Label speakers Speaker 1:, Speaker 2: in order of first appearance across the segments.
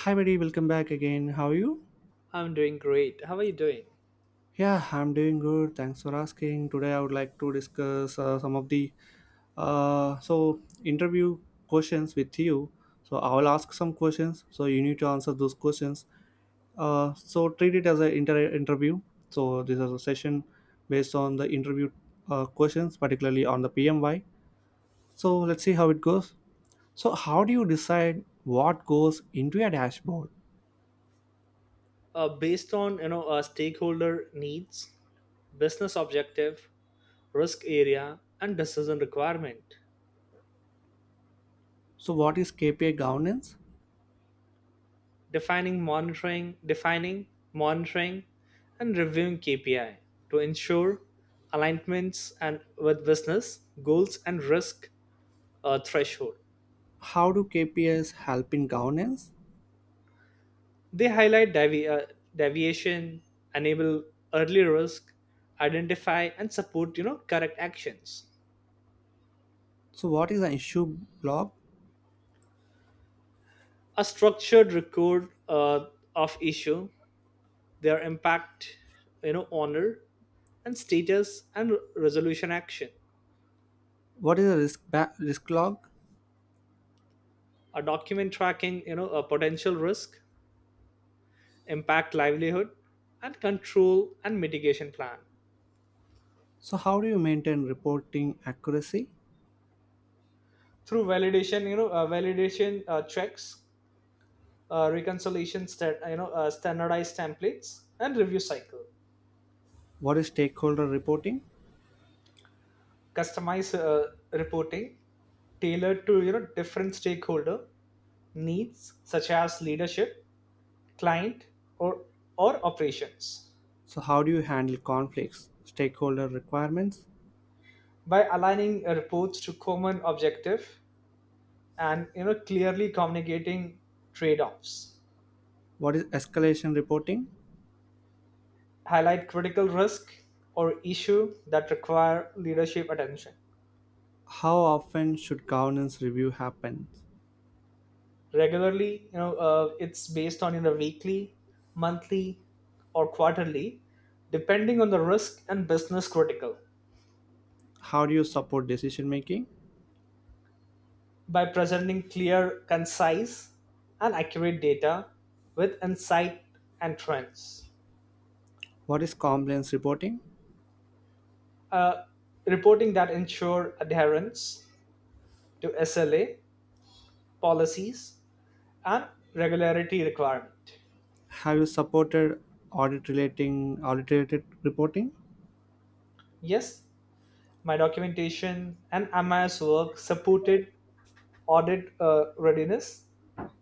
Speaker 1: Hi, buddy. Welcome back again. How are you?
Speaker 2: I'm doing great. How are you doing?
Speaker 1: Yeah, I'm doing good. Thanks for asking. Today, I would like to discuss some of the interview questions with you. So I will ask some questions. So you need to answer those questions. So treat it as an interview. So this is a session based on the interview questions, particularly on the PMY. So let's see how it goes. So how do you decide what goes into a dashboard?
Speaker 2: Based on stakeholder needs, business objective, risk area, and decision requirement,
Speaker 1: So what is KPI governance?
Speaker 2: defining monitoring, monitoring, and reviewing KPI to ensure alignments and with business goals and risk threshold.
Speaker 1: How do KPIs help in governance?
Speaker 2: They highlight deviation, enable early risk, identify and support correct actions.
Speaker 1: So what is an issue log?
Speaker 2: A structured record of issue, their impact, honor, and status, and resolution action.
Speaker 1: What is a risk log?
Speaker 2: A document tracking a potential risk, impact, livelihood, and control and mitigation plan.
Speaker 1: So how do you maintain reporting accuracy?
Speaker 2: Through validation, checks, reconciliation, standardized templates, and review cycle.
Speaker 1: What is stakeholder reporting?
Speaker 2: Customized reporting tailored to different stakeholder needs such as leadership, client, or, or operations.
Speaker 1: So how do you handle conflicts? Stakeholder requirements?
Speaker 2: By aligning reports to common objective and clearly communicating trade-offs.
Speaker 1: What is escalation reporting?
Speaker 2: Highlight critical risk or issue that require leadership attention.
Speaker 1: How often should governance review happen?
Speaker 2: Regularly, it's based on either weekly, monthly, or quarterly, depending on the risk and business critical.
Speaker 1: How do you support decision making?
Speaker 2: By presenting clear, concise, and accurate data with insight and trends.
Speaker 1: What is compliance reporting?
Speaker 2: uh, Reporting that ensure adherence to SLA policies and regularity requirement.
Speaker 1: Have you supported audit related reporting?
Speaker 2: Yes, my documentation and MIS work supported audit readiness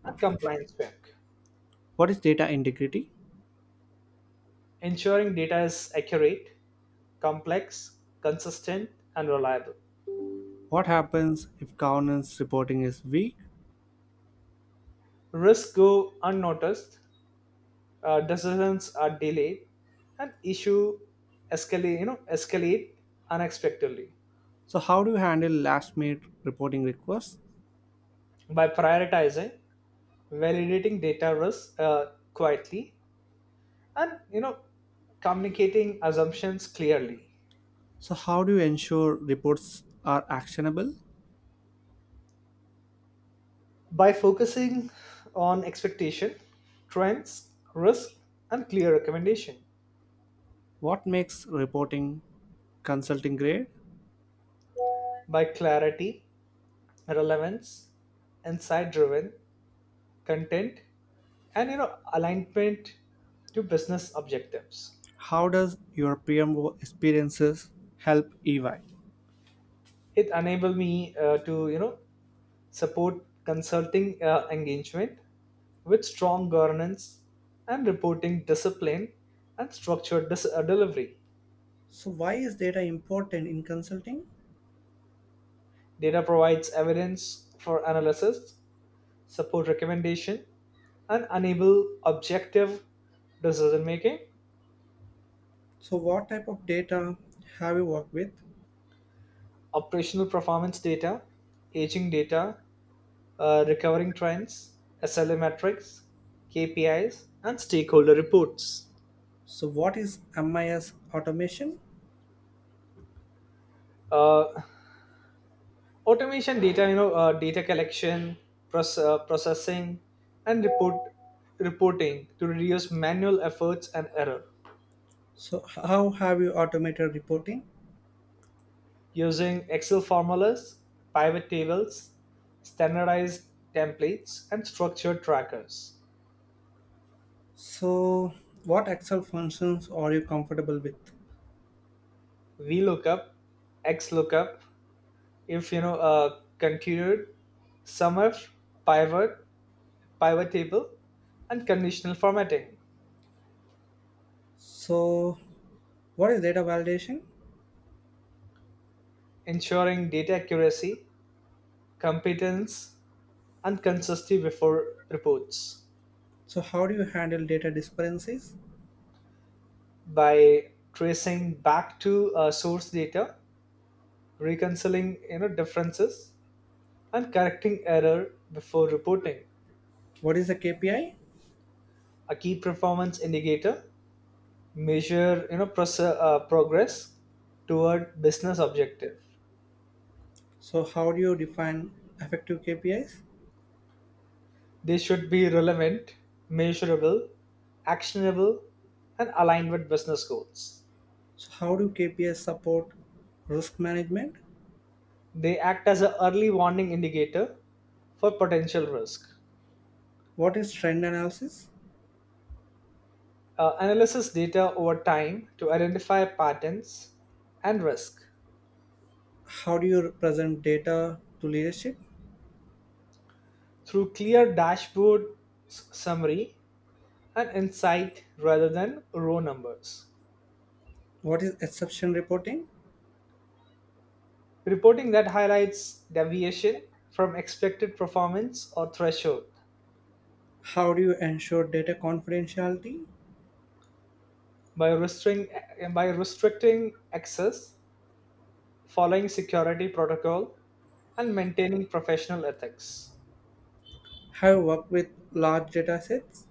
Speaker 2: and compliance work,
Speaker 1: What is data integrity?
Speaker 2: ensuring data is accurate, complex, consistent, and reliable.
Speaker 1: What happens if governance reporting is weak?
Speaker 2: Risks go unnoticed, decisions are delayed, and issue escalate, escalate unexpectedly.
Speaker 1: So, how do you handle last minute reporting requests?
Speaker 2: By prioritizing, validating data risks quietly, and communicating assumptions clearly.
Speaker 1: So, how do you ensure reports are actionable?
Speaker 2: By focusing on expectation, trends, risk, and clear recommendation.
Speaker 1: What makes reporting consulting grade?
Speaker 2: By clarity, relevance, insight driven content, and alignment to business objectives.
Speaker 1: How does your PMO experiences help EY?
Speaker 2: It enabled me to support consulting engagement with strong governance and reporting discipline and structured delivery.
Speaker 1: So, why is data important in consulting?
Speaker 2: Data provides evidence for analysis, support recommendation, and enable objective decision making.
Speaker 1: So, what type of data have you worked with?
Speaker 2: Operational performance data, aging data, recovering trends, SLA metrics, KPIs, and stakeholder reports.
Speaker 1: So, what is MIS automation?
Speaker 2: Uh, Automation data, data collection process, processing, and reporting to reduce manual efforts and error.
Speaker 1: So, how have you automated reporting?
Speaker 2: Using Excel formulas, pivot tables, standardized templates, and structured trackers.
Speaker 1: So, what Excel functions are you comfortable with?
Speaker 2: Vlookup, xlookup, if, continued, sumif, pivot pivot table, and conditional formatting.
Speaker 1: So, what is data validation?
Speaker 2: Ensuring data accuracy, competence, unconsensus before reports.
Speaker 1: So, how do you handle data discrepancies?
Speaker 2: By tracing back to source data, reconciling differences, and correcting error before reporting.
Speaker 1: What is a KPI?
Speaker 2: A key performance indicator measure progress toward business objective.
Speaker 1: So, how do you define effective KPIs?
Speaker 2: They should be relevant, measurable, actionable, and aligned with business goals.
Speaker 1: So, how do KPIs support risk management?
Speaker 2: They act as an early warning indicator for potential risk.
Speaker 1: What is trend analysis?
Speaker 2: Analyzes data over time to identify patterns and risk.
Speaker 1: How do you present data to leadership?
Speaker 2: Through clear dashboard, summary, and insight rather than raw numbers.
Speaker 1: What is exception reporting?
Speaker 2: Reporting that highlights deviation from expected performance or threshold.
Speaker 1: How do you ensure data confidentiality?
Speaker 2: by restricting, by restricting access, following security protocol, and maintaining professional ethics.
Speaker 1: Have you worked with large data sets?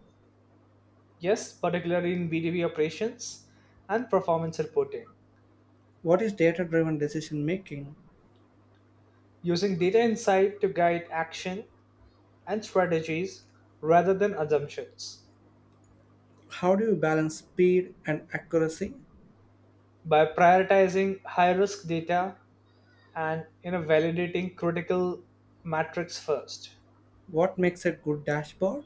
Speaker 2: Yes, particularly in B2B operations and performance reporting.
Speaker 1: What is data driven decision making?
Speaker 2: Using data insight to guide action and strategies rather than assumptions.
Speaker 1: How do you balance speed and accuracy?
Speaker 2: By prioritizing high risk data and validating critical metrics first.
Speaker 1: What makes a good dashboard?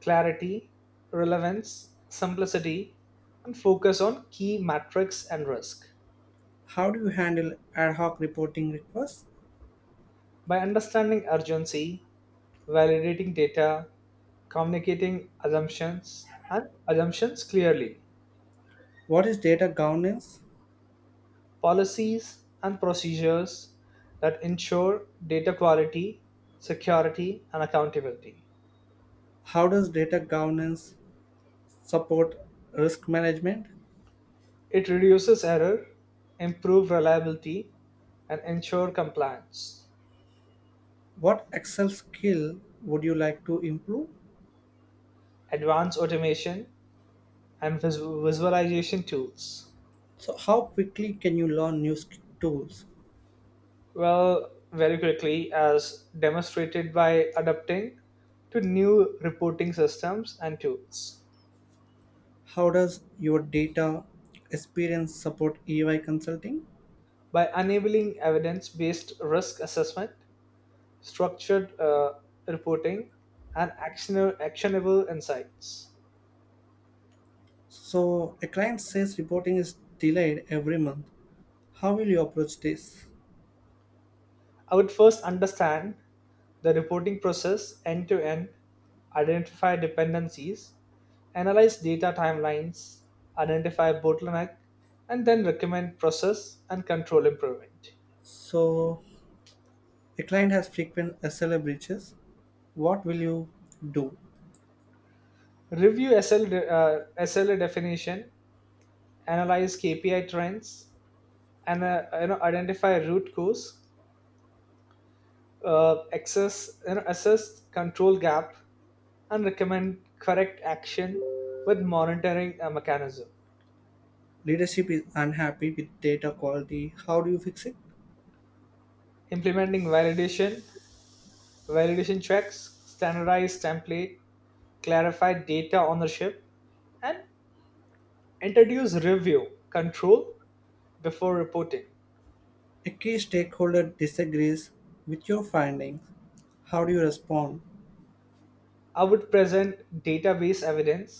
Speaker 2: Clarity, relevance, simplicity, and focus on key metrics and risk.
Speaker 1: How do you handle ad hoc reporting requests?
Speaker 2: By understanding urgency, validating data, communicating assumptions and assumptions clearly.
Speaker 1: What is data governance?
Speaker 2: Policies and procedures that ensure data quality, security, and accountability.
Speaker 1: How does data governance support risk management?
Speaker 2: It reduces error, improves reliability, and ensures compliance.
Speaker 1: What Excel skill would you like to improve?
Speaker 2: Advanced automation and visualization tools.
Speaker 1: So, how quickly can you learn new tools?
Speaker 2: Well, very quickly, as demonstrated by adapting to new reporting systems and tools.
Speaker 1: How does your data experience support EY consulting?
Speaker 2: By enabling evidence based risk assessment, structured reporting, and actionable insights.
Speaker 1: So, a client says reporting is delayed every month. How will you approach this?
Speaker 2: I would first understand the reporting process end to end, identify dependencies, analyze data timelines, identify bottleneck, and then recommend process and control improvement.
Speaker 1: So, a client has frequent SLA breaches. What will you do?
Speaker 2: Review SLA definition, analyze KPI trends, and identify root cause, assess control gap, and recommend correct action with monitoring mechanism.
Speaker 1: Leadership is unhappy with data quality. How do you fix it?
Speaker 2: Implementing validation checks, standardized template, clarify data ownership, and introduce review control before reporting.
Speaker 1: A key stakeholder disagrees with your findings. How do you respond?
Speaker 2: I would present database evidence,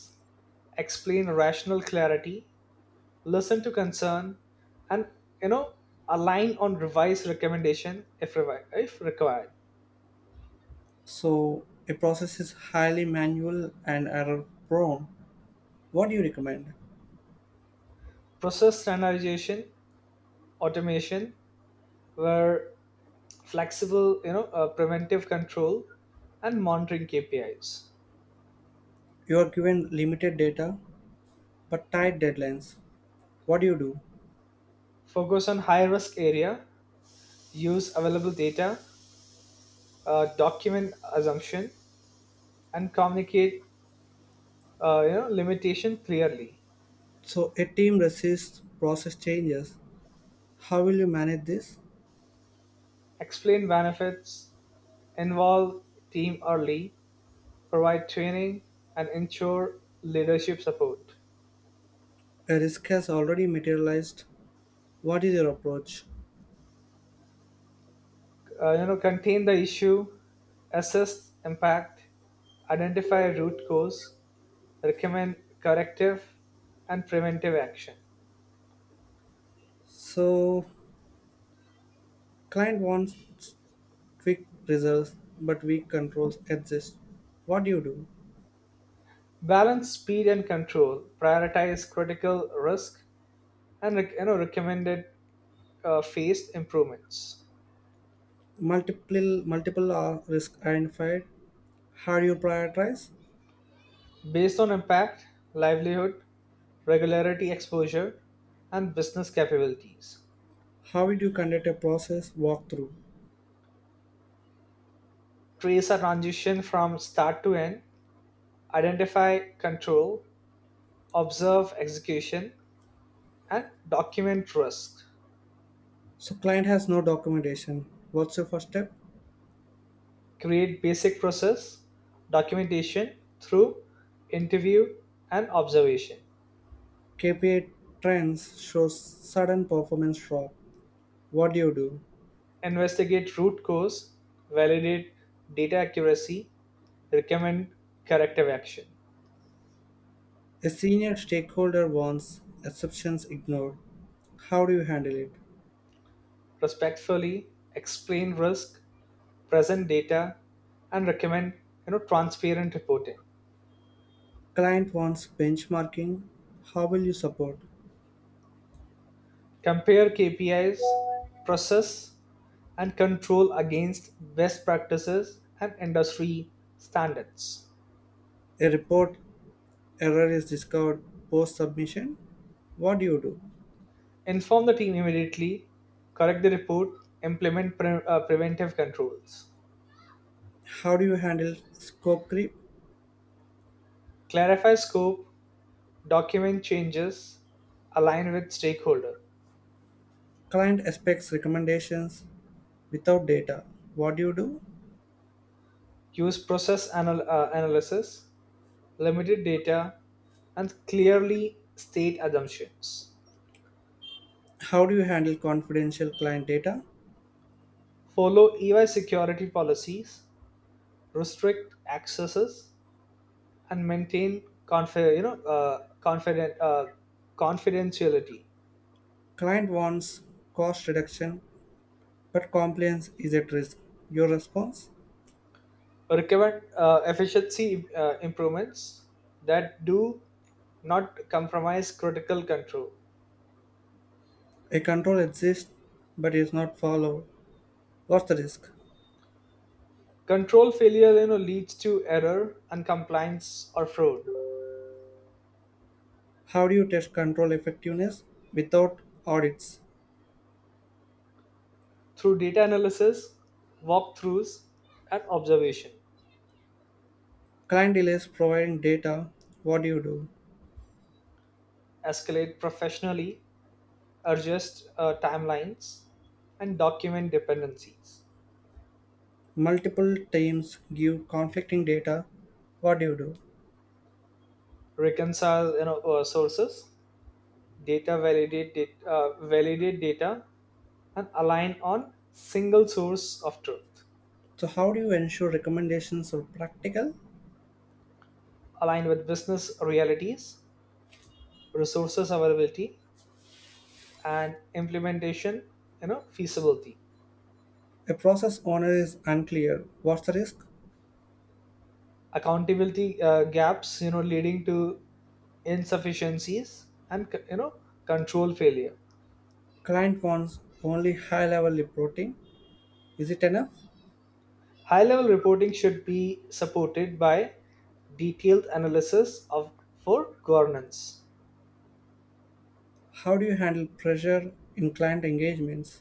Speaker 2: explain rational clarity, listen to concern, and you know align on revised recommendation if required.
Speaker 1: So, a process is highly manual and error prone. What do you recommend?
Speaker 2: Process standardization, automation were flexible, preventive control, and monitoring KPIs.
Speaker 1: You are given limited data but tight deadlines. What do you do?
Speaker 2: Focus on high risk area, use available data, document assumption, and communicate limitation clearly.
Speaker 1: So, a team resists process changes. How will you manage this?
Speaker 2: Explain benefits, involve team early, provide training, and ensure leadership support.
Speaker 1: A risk has already materialized. What is your approach?
Speaker 2: Contain the issue, assess impact, identify root cause, recommend corrective and preventive action.
Speaker 1: So, client wants quick results but weak controls exist. What do you do?
Speaker 2: Balance speed and control, prioritize critical risk, and recommended phased improvements.
Speaker 1: Multiple are risk identified. How do you prioritize?
Speaker 2: Based on impact, livelihood, regularity exposure, and business capabilities.
Speaker 1: How would you conduct a process walkthrough?
Speaker 2: Trace a transition from start to end, identify control, observe execution, and document risk.
Speaker 1: So, client has no documentation. What's your first step?
Speaker 2: Create basic process documentation through interview and observation.
Speaker 1: KPI trends shows sudden performance drop. What do you do?
Speaker 2: Investigate root cause, validate data accuracy, recommend corrective action.
Speaker 1: A senior stakeholder wants exceptions ignored. How do you handle it?
Speaker 2: Respectfully explain risk, present data, and recommend transparent reporting.
Speaker 1: Client wants benchmarking. How will you support?
Speaker 2: Compare KPIs, process, and control against best practices and industry standards.
Speaker 1: A report error is discovered post submission. What do you do?
Speaker 2: Inform the team immediately, correct the report, implement preventive controls.
Speaker 1: How do you handle scope creep?
Speaker 2: Clarify scope, document changes, align with stakeholder.
Speaker 1: Client expects recommendations without data. What do you do?
Speaker 2: Use process analysis, limited data, and clearly state assumptions.
Speaker 1: How do you handle confidential client data?
Speaker 2: Follow EY security policies, restrict accesses, and maintain confidentiality.
Speaker 1: Client wants cost reduction, but compliance is at risk. Your response?
Speaker 2: Recommend efficiency improvements that do not compromise critical control.
Speaker 1: A control exists but is not followed. What's the risk?
Speaker 2: Control failure leads to error and compliance or fraud.
Speaker 1: How do you test control effectiveness without audits?
Speaker 2: Through data analysis, walkthroughs, and observation.
Speaker 1: Client delays providing data. What do you do?
Speaker 2: Escalate professionally, adjust timelines, and document dependencies.
Speaker 1: Multiple teams give conflicting data. What do you do?
Speaker 2: Reconcile sources, validate data, and align on single source of truth.
Speaker 1: So, how do you ensure recommendations are practical?
Speaker 2: Align with business realities, resources availability, and implementation feasibility.
Speaker 1: A process owner is unclear. What's the risk?
Speaker 2: Accountability gaps leading to insufficiencies and control failure.
Speaker 1: Client wants only high level reporting. Is it enough?
Speaker 2: High level reporting should be supported by detailed analysis of for governance.
Speaker 1: How do you handle pressure in client engagements?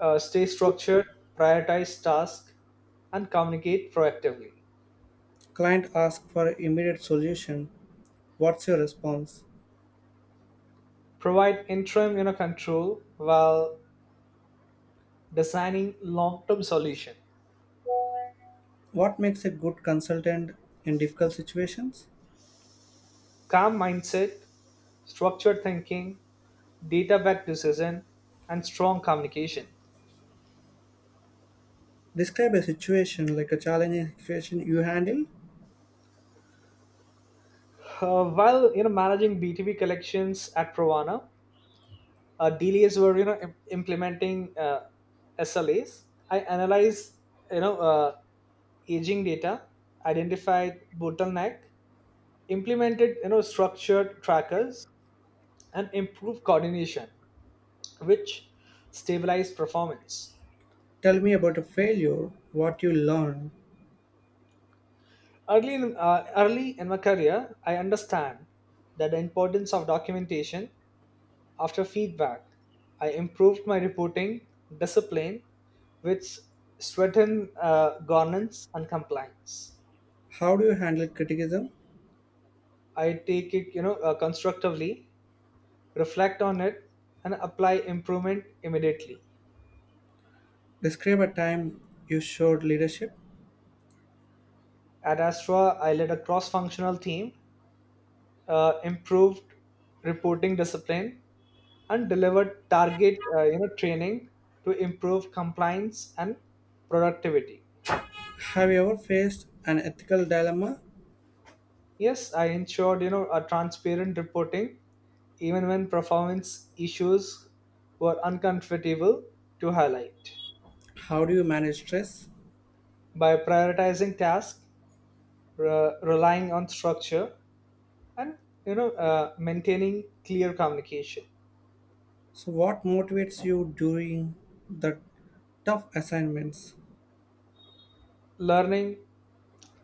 Speaker 2: Stay structured, prioritize tasks, and communicate proactively.
Speaker 1: Client asks for immediate solution. What's your response?
Speaker 2: Provide interim control while designing long-term solution.
Speaker 1: What makes a good consultant in difficult situations?
Speaker 2: Calm mindset, structured thinking, data-backed decision, and strong communication.
Speaker 1: Describe a situation like a challenging situation you handle.
Speaker 2: While managing B2B collections at Pravana, delays were implementing SLAs. I analyze you know uh, aging data, identified bottleneck, implemented structured trackers, and improved coordination, which stabilized performance.
Speaker 1: Tell me about a failure, what you learned.
Speaker 2: Early in my career, I understand that the importance of documentation after feedback. I improved my reporting discipline, which strengthened governance and compliance.
Speaker 1: How do you handle criticism?
Speaker 2: I take it, constructively, reflect on it, and apply improvement immediately.
Speaker 1: Describe a time you showed leadership.
Speaker 2: At Astra, I led a cross-functional team, improved reporting discipline, and delivered target training to improve compliance and productivity.
Speaker 1: Have you ever faced an ethical dilemma?
Speaker 2: Yes, I ensured a transparent reporting even when performance issues were uncomfortable to highlight.
Speaker 1: How do you manage stress?
Speaker 2: By prioritizing tasks, relying on structure, and maintaining clear communication.
Speaker 1: So, what motivates you during the tough assignments?
Speaker 2: Learning,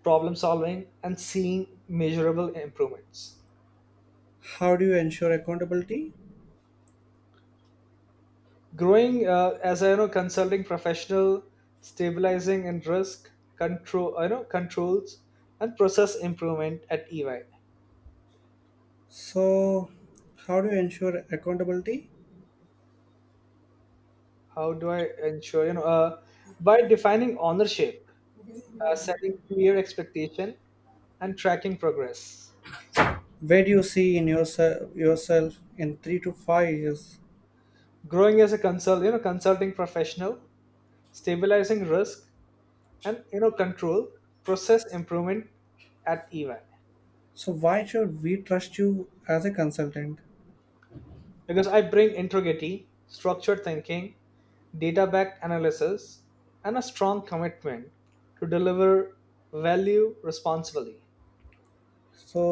Speaker 2: problem solving, and seeing measurable improvements.
Speaker 1: How do you ensure accountability?
Speaker 2: Growing as a consulting professional, stabilizing in risk control, controls, and process improvement at EY.
Speaker 1: So, how do you ensure accountability?
Speaker 2: How do I ensure you know By defining ownership, setting clear expectation, and tracking progress.
Speaker 1: Where do you see in yourself yourself in 3 to 5 years?
Speaker 2: Growing as a consulting professional, stabilizing risk, and control process improvement at EY.
Speaker 1: So why should we trust you as a consultant?
Speaker 2: Because I bring integrity, structured thinking, data backed analysis, and a strong commitment to deliver value responsibly.
Speaker 1: So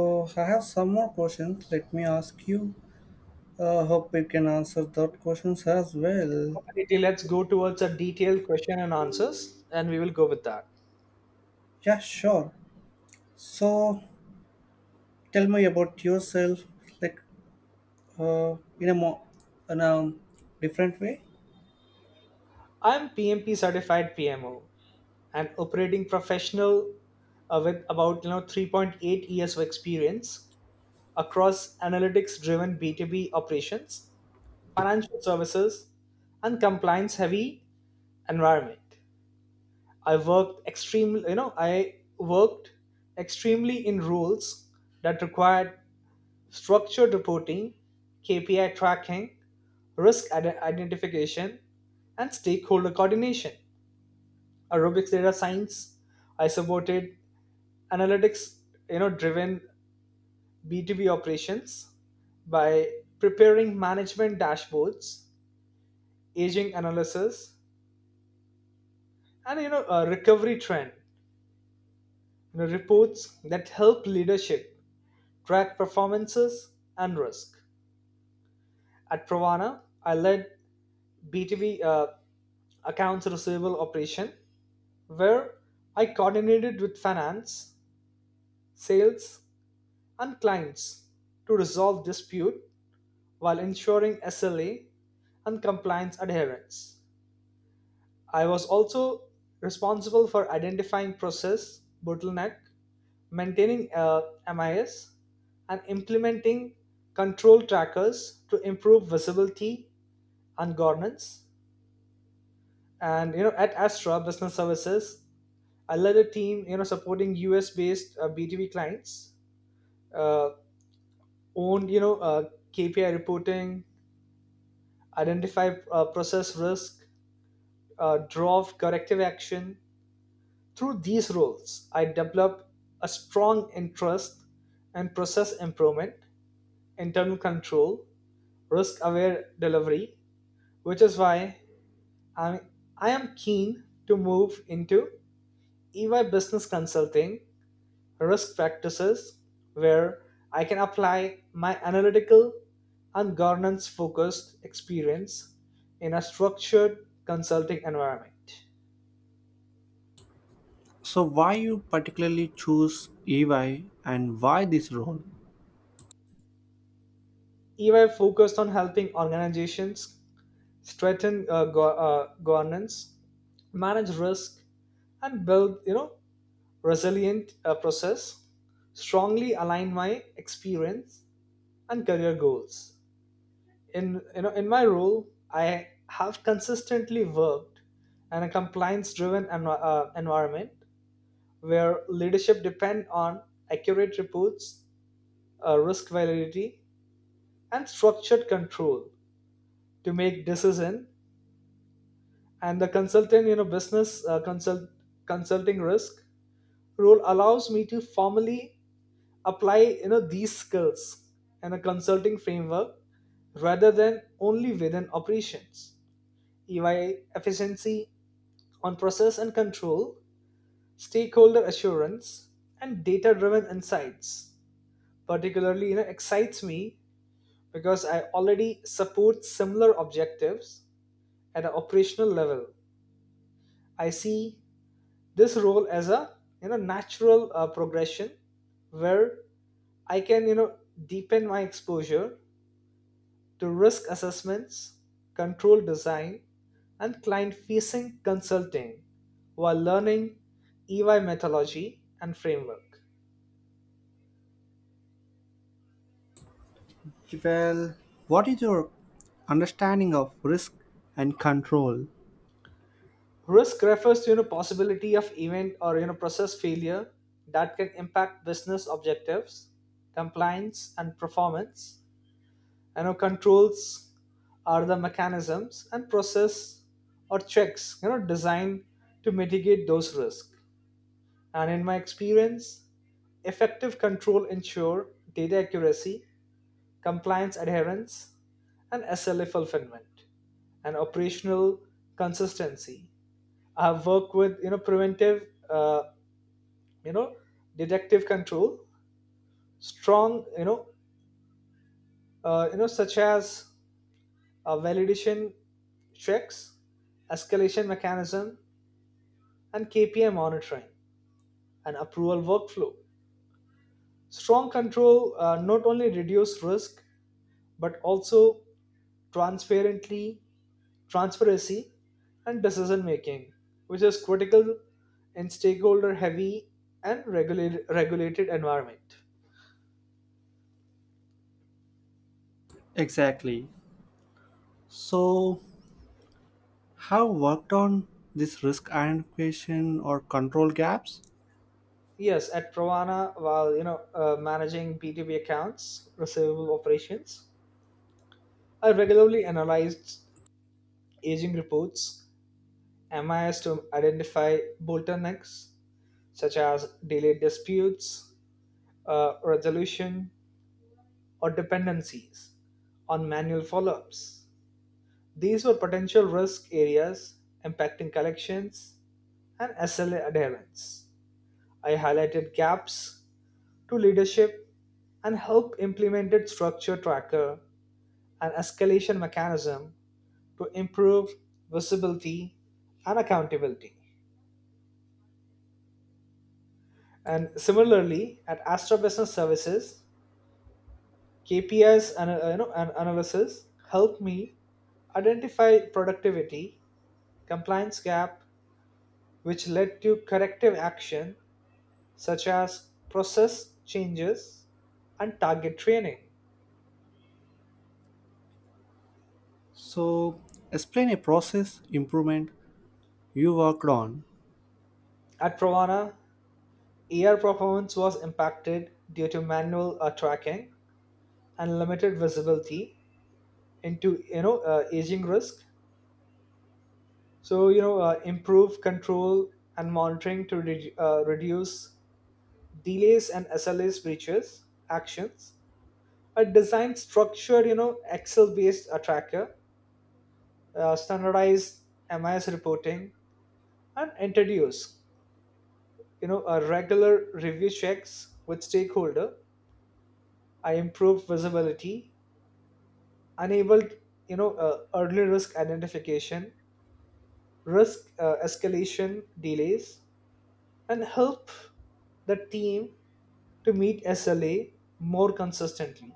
Speaker 1: I have some more questions, let me ask you. Hope you can answer that questions as well.
Speaker 2: Okay, let's go towards a detailed question and answers, and we will go with that.
Speaker 1: Yeah, sure. So tell me about yourself, like, in a in a different way.
Speaker 2: I'm PMP certified PMO and operating professional with about 3.8 years of experience across analytics driven B2B operations, financial services, and compliance heavy environment. I worked extremely in roles that required structured reporting, KPI tracking, risk identification, and stakeholder coordination. Aerobics data science. I supported analytics, driven B2B operations by preparing management dashboards, aging analysis, and recovery trend, reports that help leadership track performances and risk. At Pravana, I led BTV accounts receivable operation where I coordinated with finance, sales, and clients to resolve dispute while ensuring SLA and compliance adherence. I was also responsible for identifying process bottleneck, maintaining MIS, and implementing control trackers to improve visibility and governance. And at Astra Business Services, I led a team supporting US-based B2B clients, uh, owned KPI reporting, identify process risk, draw corrective action. Through these roles, I developed a strong interest in process improvement, internal control, risk-aware delivery, which is why I'm, I am keen to move into EY Business Consulting risk practices where I can apply my analytical and governance focused experience in a structured consulting environment.
Speaker 1: So why you particularly choose EY, and why this role?
Speaker 2: EY focused on helping organizations strengthen governance, manage risk, and build resilient process. Strongly align my experience and career goals. In in my role, I have consistently worked in a compliance driven environment where leadership depend on accurate reports, risk validity, and structured control to make decision, and the consultant you know business consult consulting risk role allows me to formally apply these skills in a consulting framework rather than only within operations. EY efficiency on process and control, stakeholder assurance, and data driven insights. Particularly, excites me because I already support similar objectives at an operational level. I see this role as a natural progression where I can deepen my exposure to risk assessments, control design, and client facing consulting while learning EY methodology and framework.
Speaker 1: Well, what is your understanding of risk and control?
Speaker 2: Risk refers to possibility of event or process failure that can impact business objectives, compliance, and performance. Controls are the mechanisms and process or checks designed to mitigate those risks. And in my experience, effective control ensure data accuracy, compliance adherence, and SLA fulfillment, and operational consistency. I have worked with preventive, you know, detective control, strong such as validation checks, escalation mechanism, and KPI monitoring and approval workflow. Strong control not only reduce risk but also transparently transparency, and decision making, which is critical in stakeholder heavy and regulated environment.
Speaker 1: Exactly. So, have worked on this risk identification or control gaps?
Speaker 2: Yes, at Pravana, while managing B2B accounts, receivable operations, I regularly analyzed aging reports, MIS to identify bottlenecks such as delayed disputes, resolution, or dependencies on manual follow-ups. These were potential risk areas impacting collections and SLA adherence. I highlighted gaps to leadership and helped implemented structure tracker and escalation mechanism to improve visibility and accountability. And similarly, at Astra Business Services, KPIs and an analysis helped me identify productivity compliance gap, which led to corrective action such as process changes and target training.
Speaker 1: So, explain a process improvement you worked on.
Speaker 2: At Pravana, AR performance was impacted due to manual tracking and limited visibility into aging risk. So improve control and monitoring to reduce delays and SLAs breaches actions. A design structured Excel based tracker, standardized MIS reporting, and introduce a regular review checks with stakeholder. I improved visibility, enabled early risk identification, risk escalation delays, and help the team to meet SLA more consistently.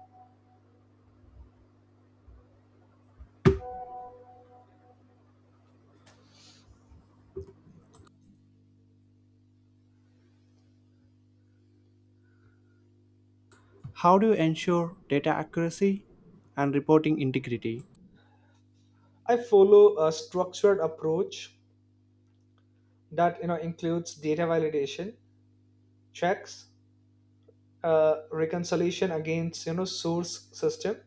Speaker 1: How do you ensure data accuracy and reporting integrity?
Speaker 2: I follow a structured approach that includes data validation checks, reconciliation against source system,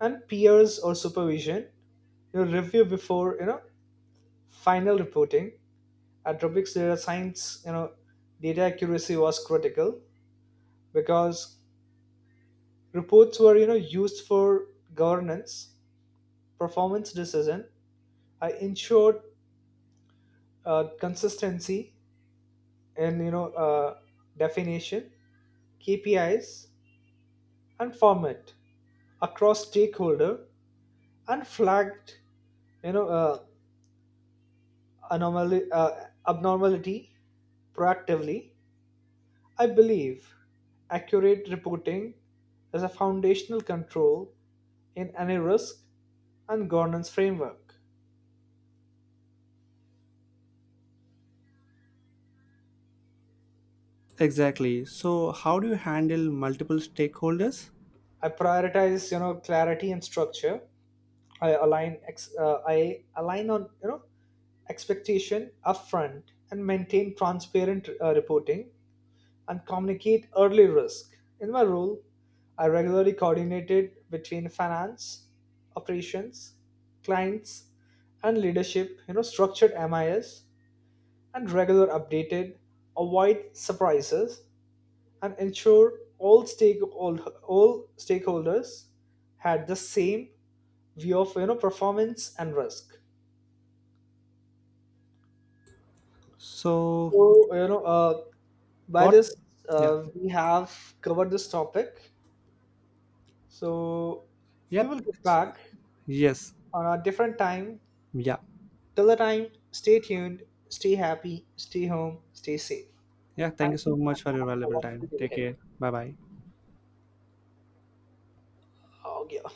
Speaker 2: and peers or supervision review before final reporting. At Robotics Data Science, data accuracy was critical because reports were, used for governance, performance decision. I ensured consistency in, definition, KPIs, and format across stakeholder, and flagged, you know, anomaly, abnormality proactively. I believe accurate reporting is a foundational control in any risk and governance framework.
Speaker 1: Exactly. So, how do you handle multiple stakeholders?
Speaker 2: I prioritize, clarity and structure. I align on, expectation upfront, and maintain transparent reporting, and communicate early risk. In my role, I regularly coordinated between finance, operations, clients, and leadership. Structured MIS and regular updated, avoid surprises, and ensure all stakeholders had the same view of performance and risk.
Speaker 1: So,
Speaker 2: So by
Speaker 1: what?
Speaker 2: this
Speaker 1: Yeah.
Speaker 2: we have covered this topic. So we
Speaker 1: Yep.
Speaker 2: will get back
Speaker 1: Yes.
Speaker 2: on a different time.
Speaker 1: Yeah.
Speaker 2: Till the time, stay tuned, stay happy, stay home, stay safe.
Speaker 1: Yeah, thank you
Speaker 2: Thank you
Speaker 1: so much
Speaker 2: and
Speaker 1: for your
Speaker 2: have a
Speaker 1: valuable
Speaker 2: wonderful
Speaker 1: time.
Speaker 2: day
Speaker 1: Take
Speaker 2: ahead.
Speaker 1: care. Bye bye.
Speaker 2: Oh, yeah.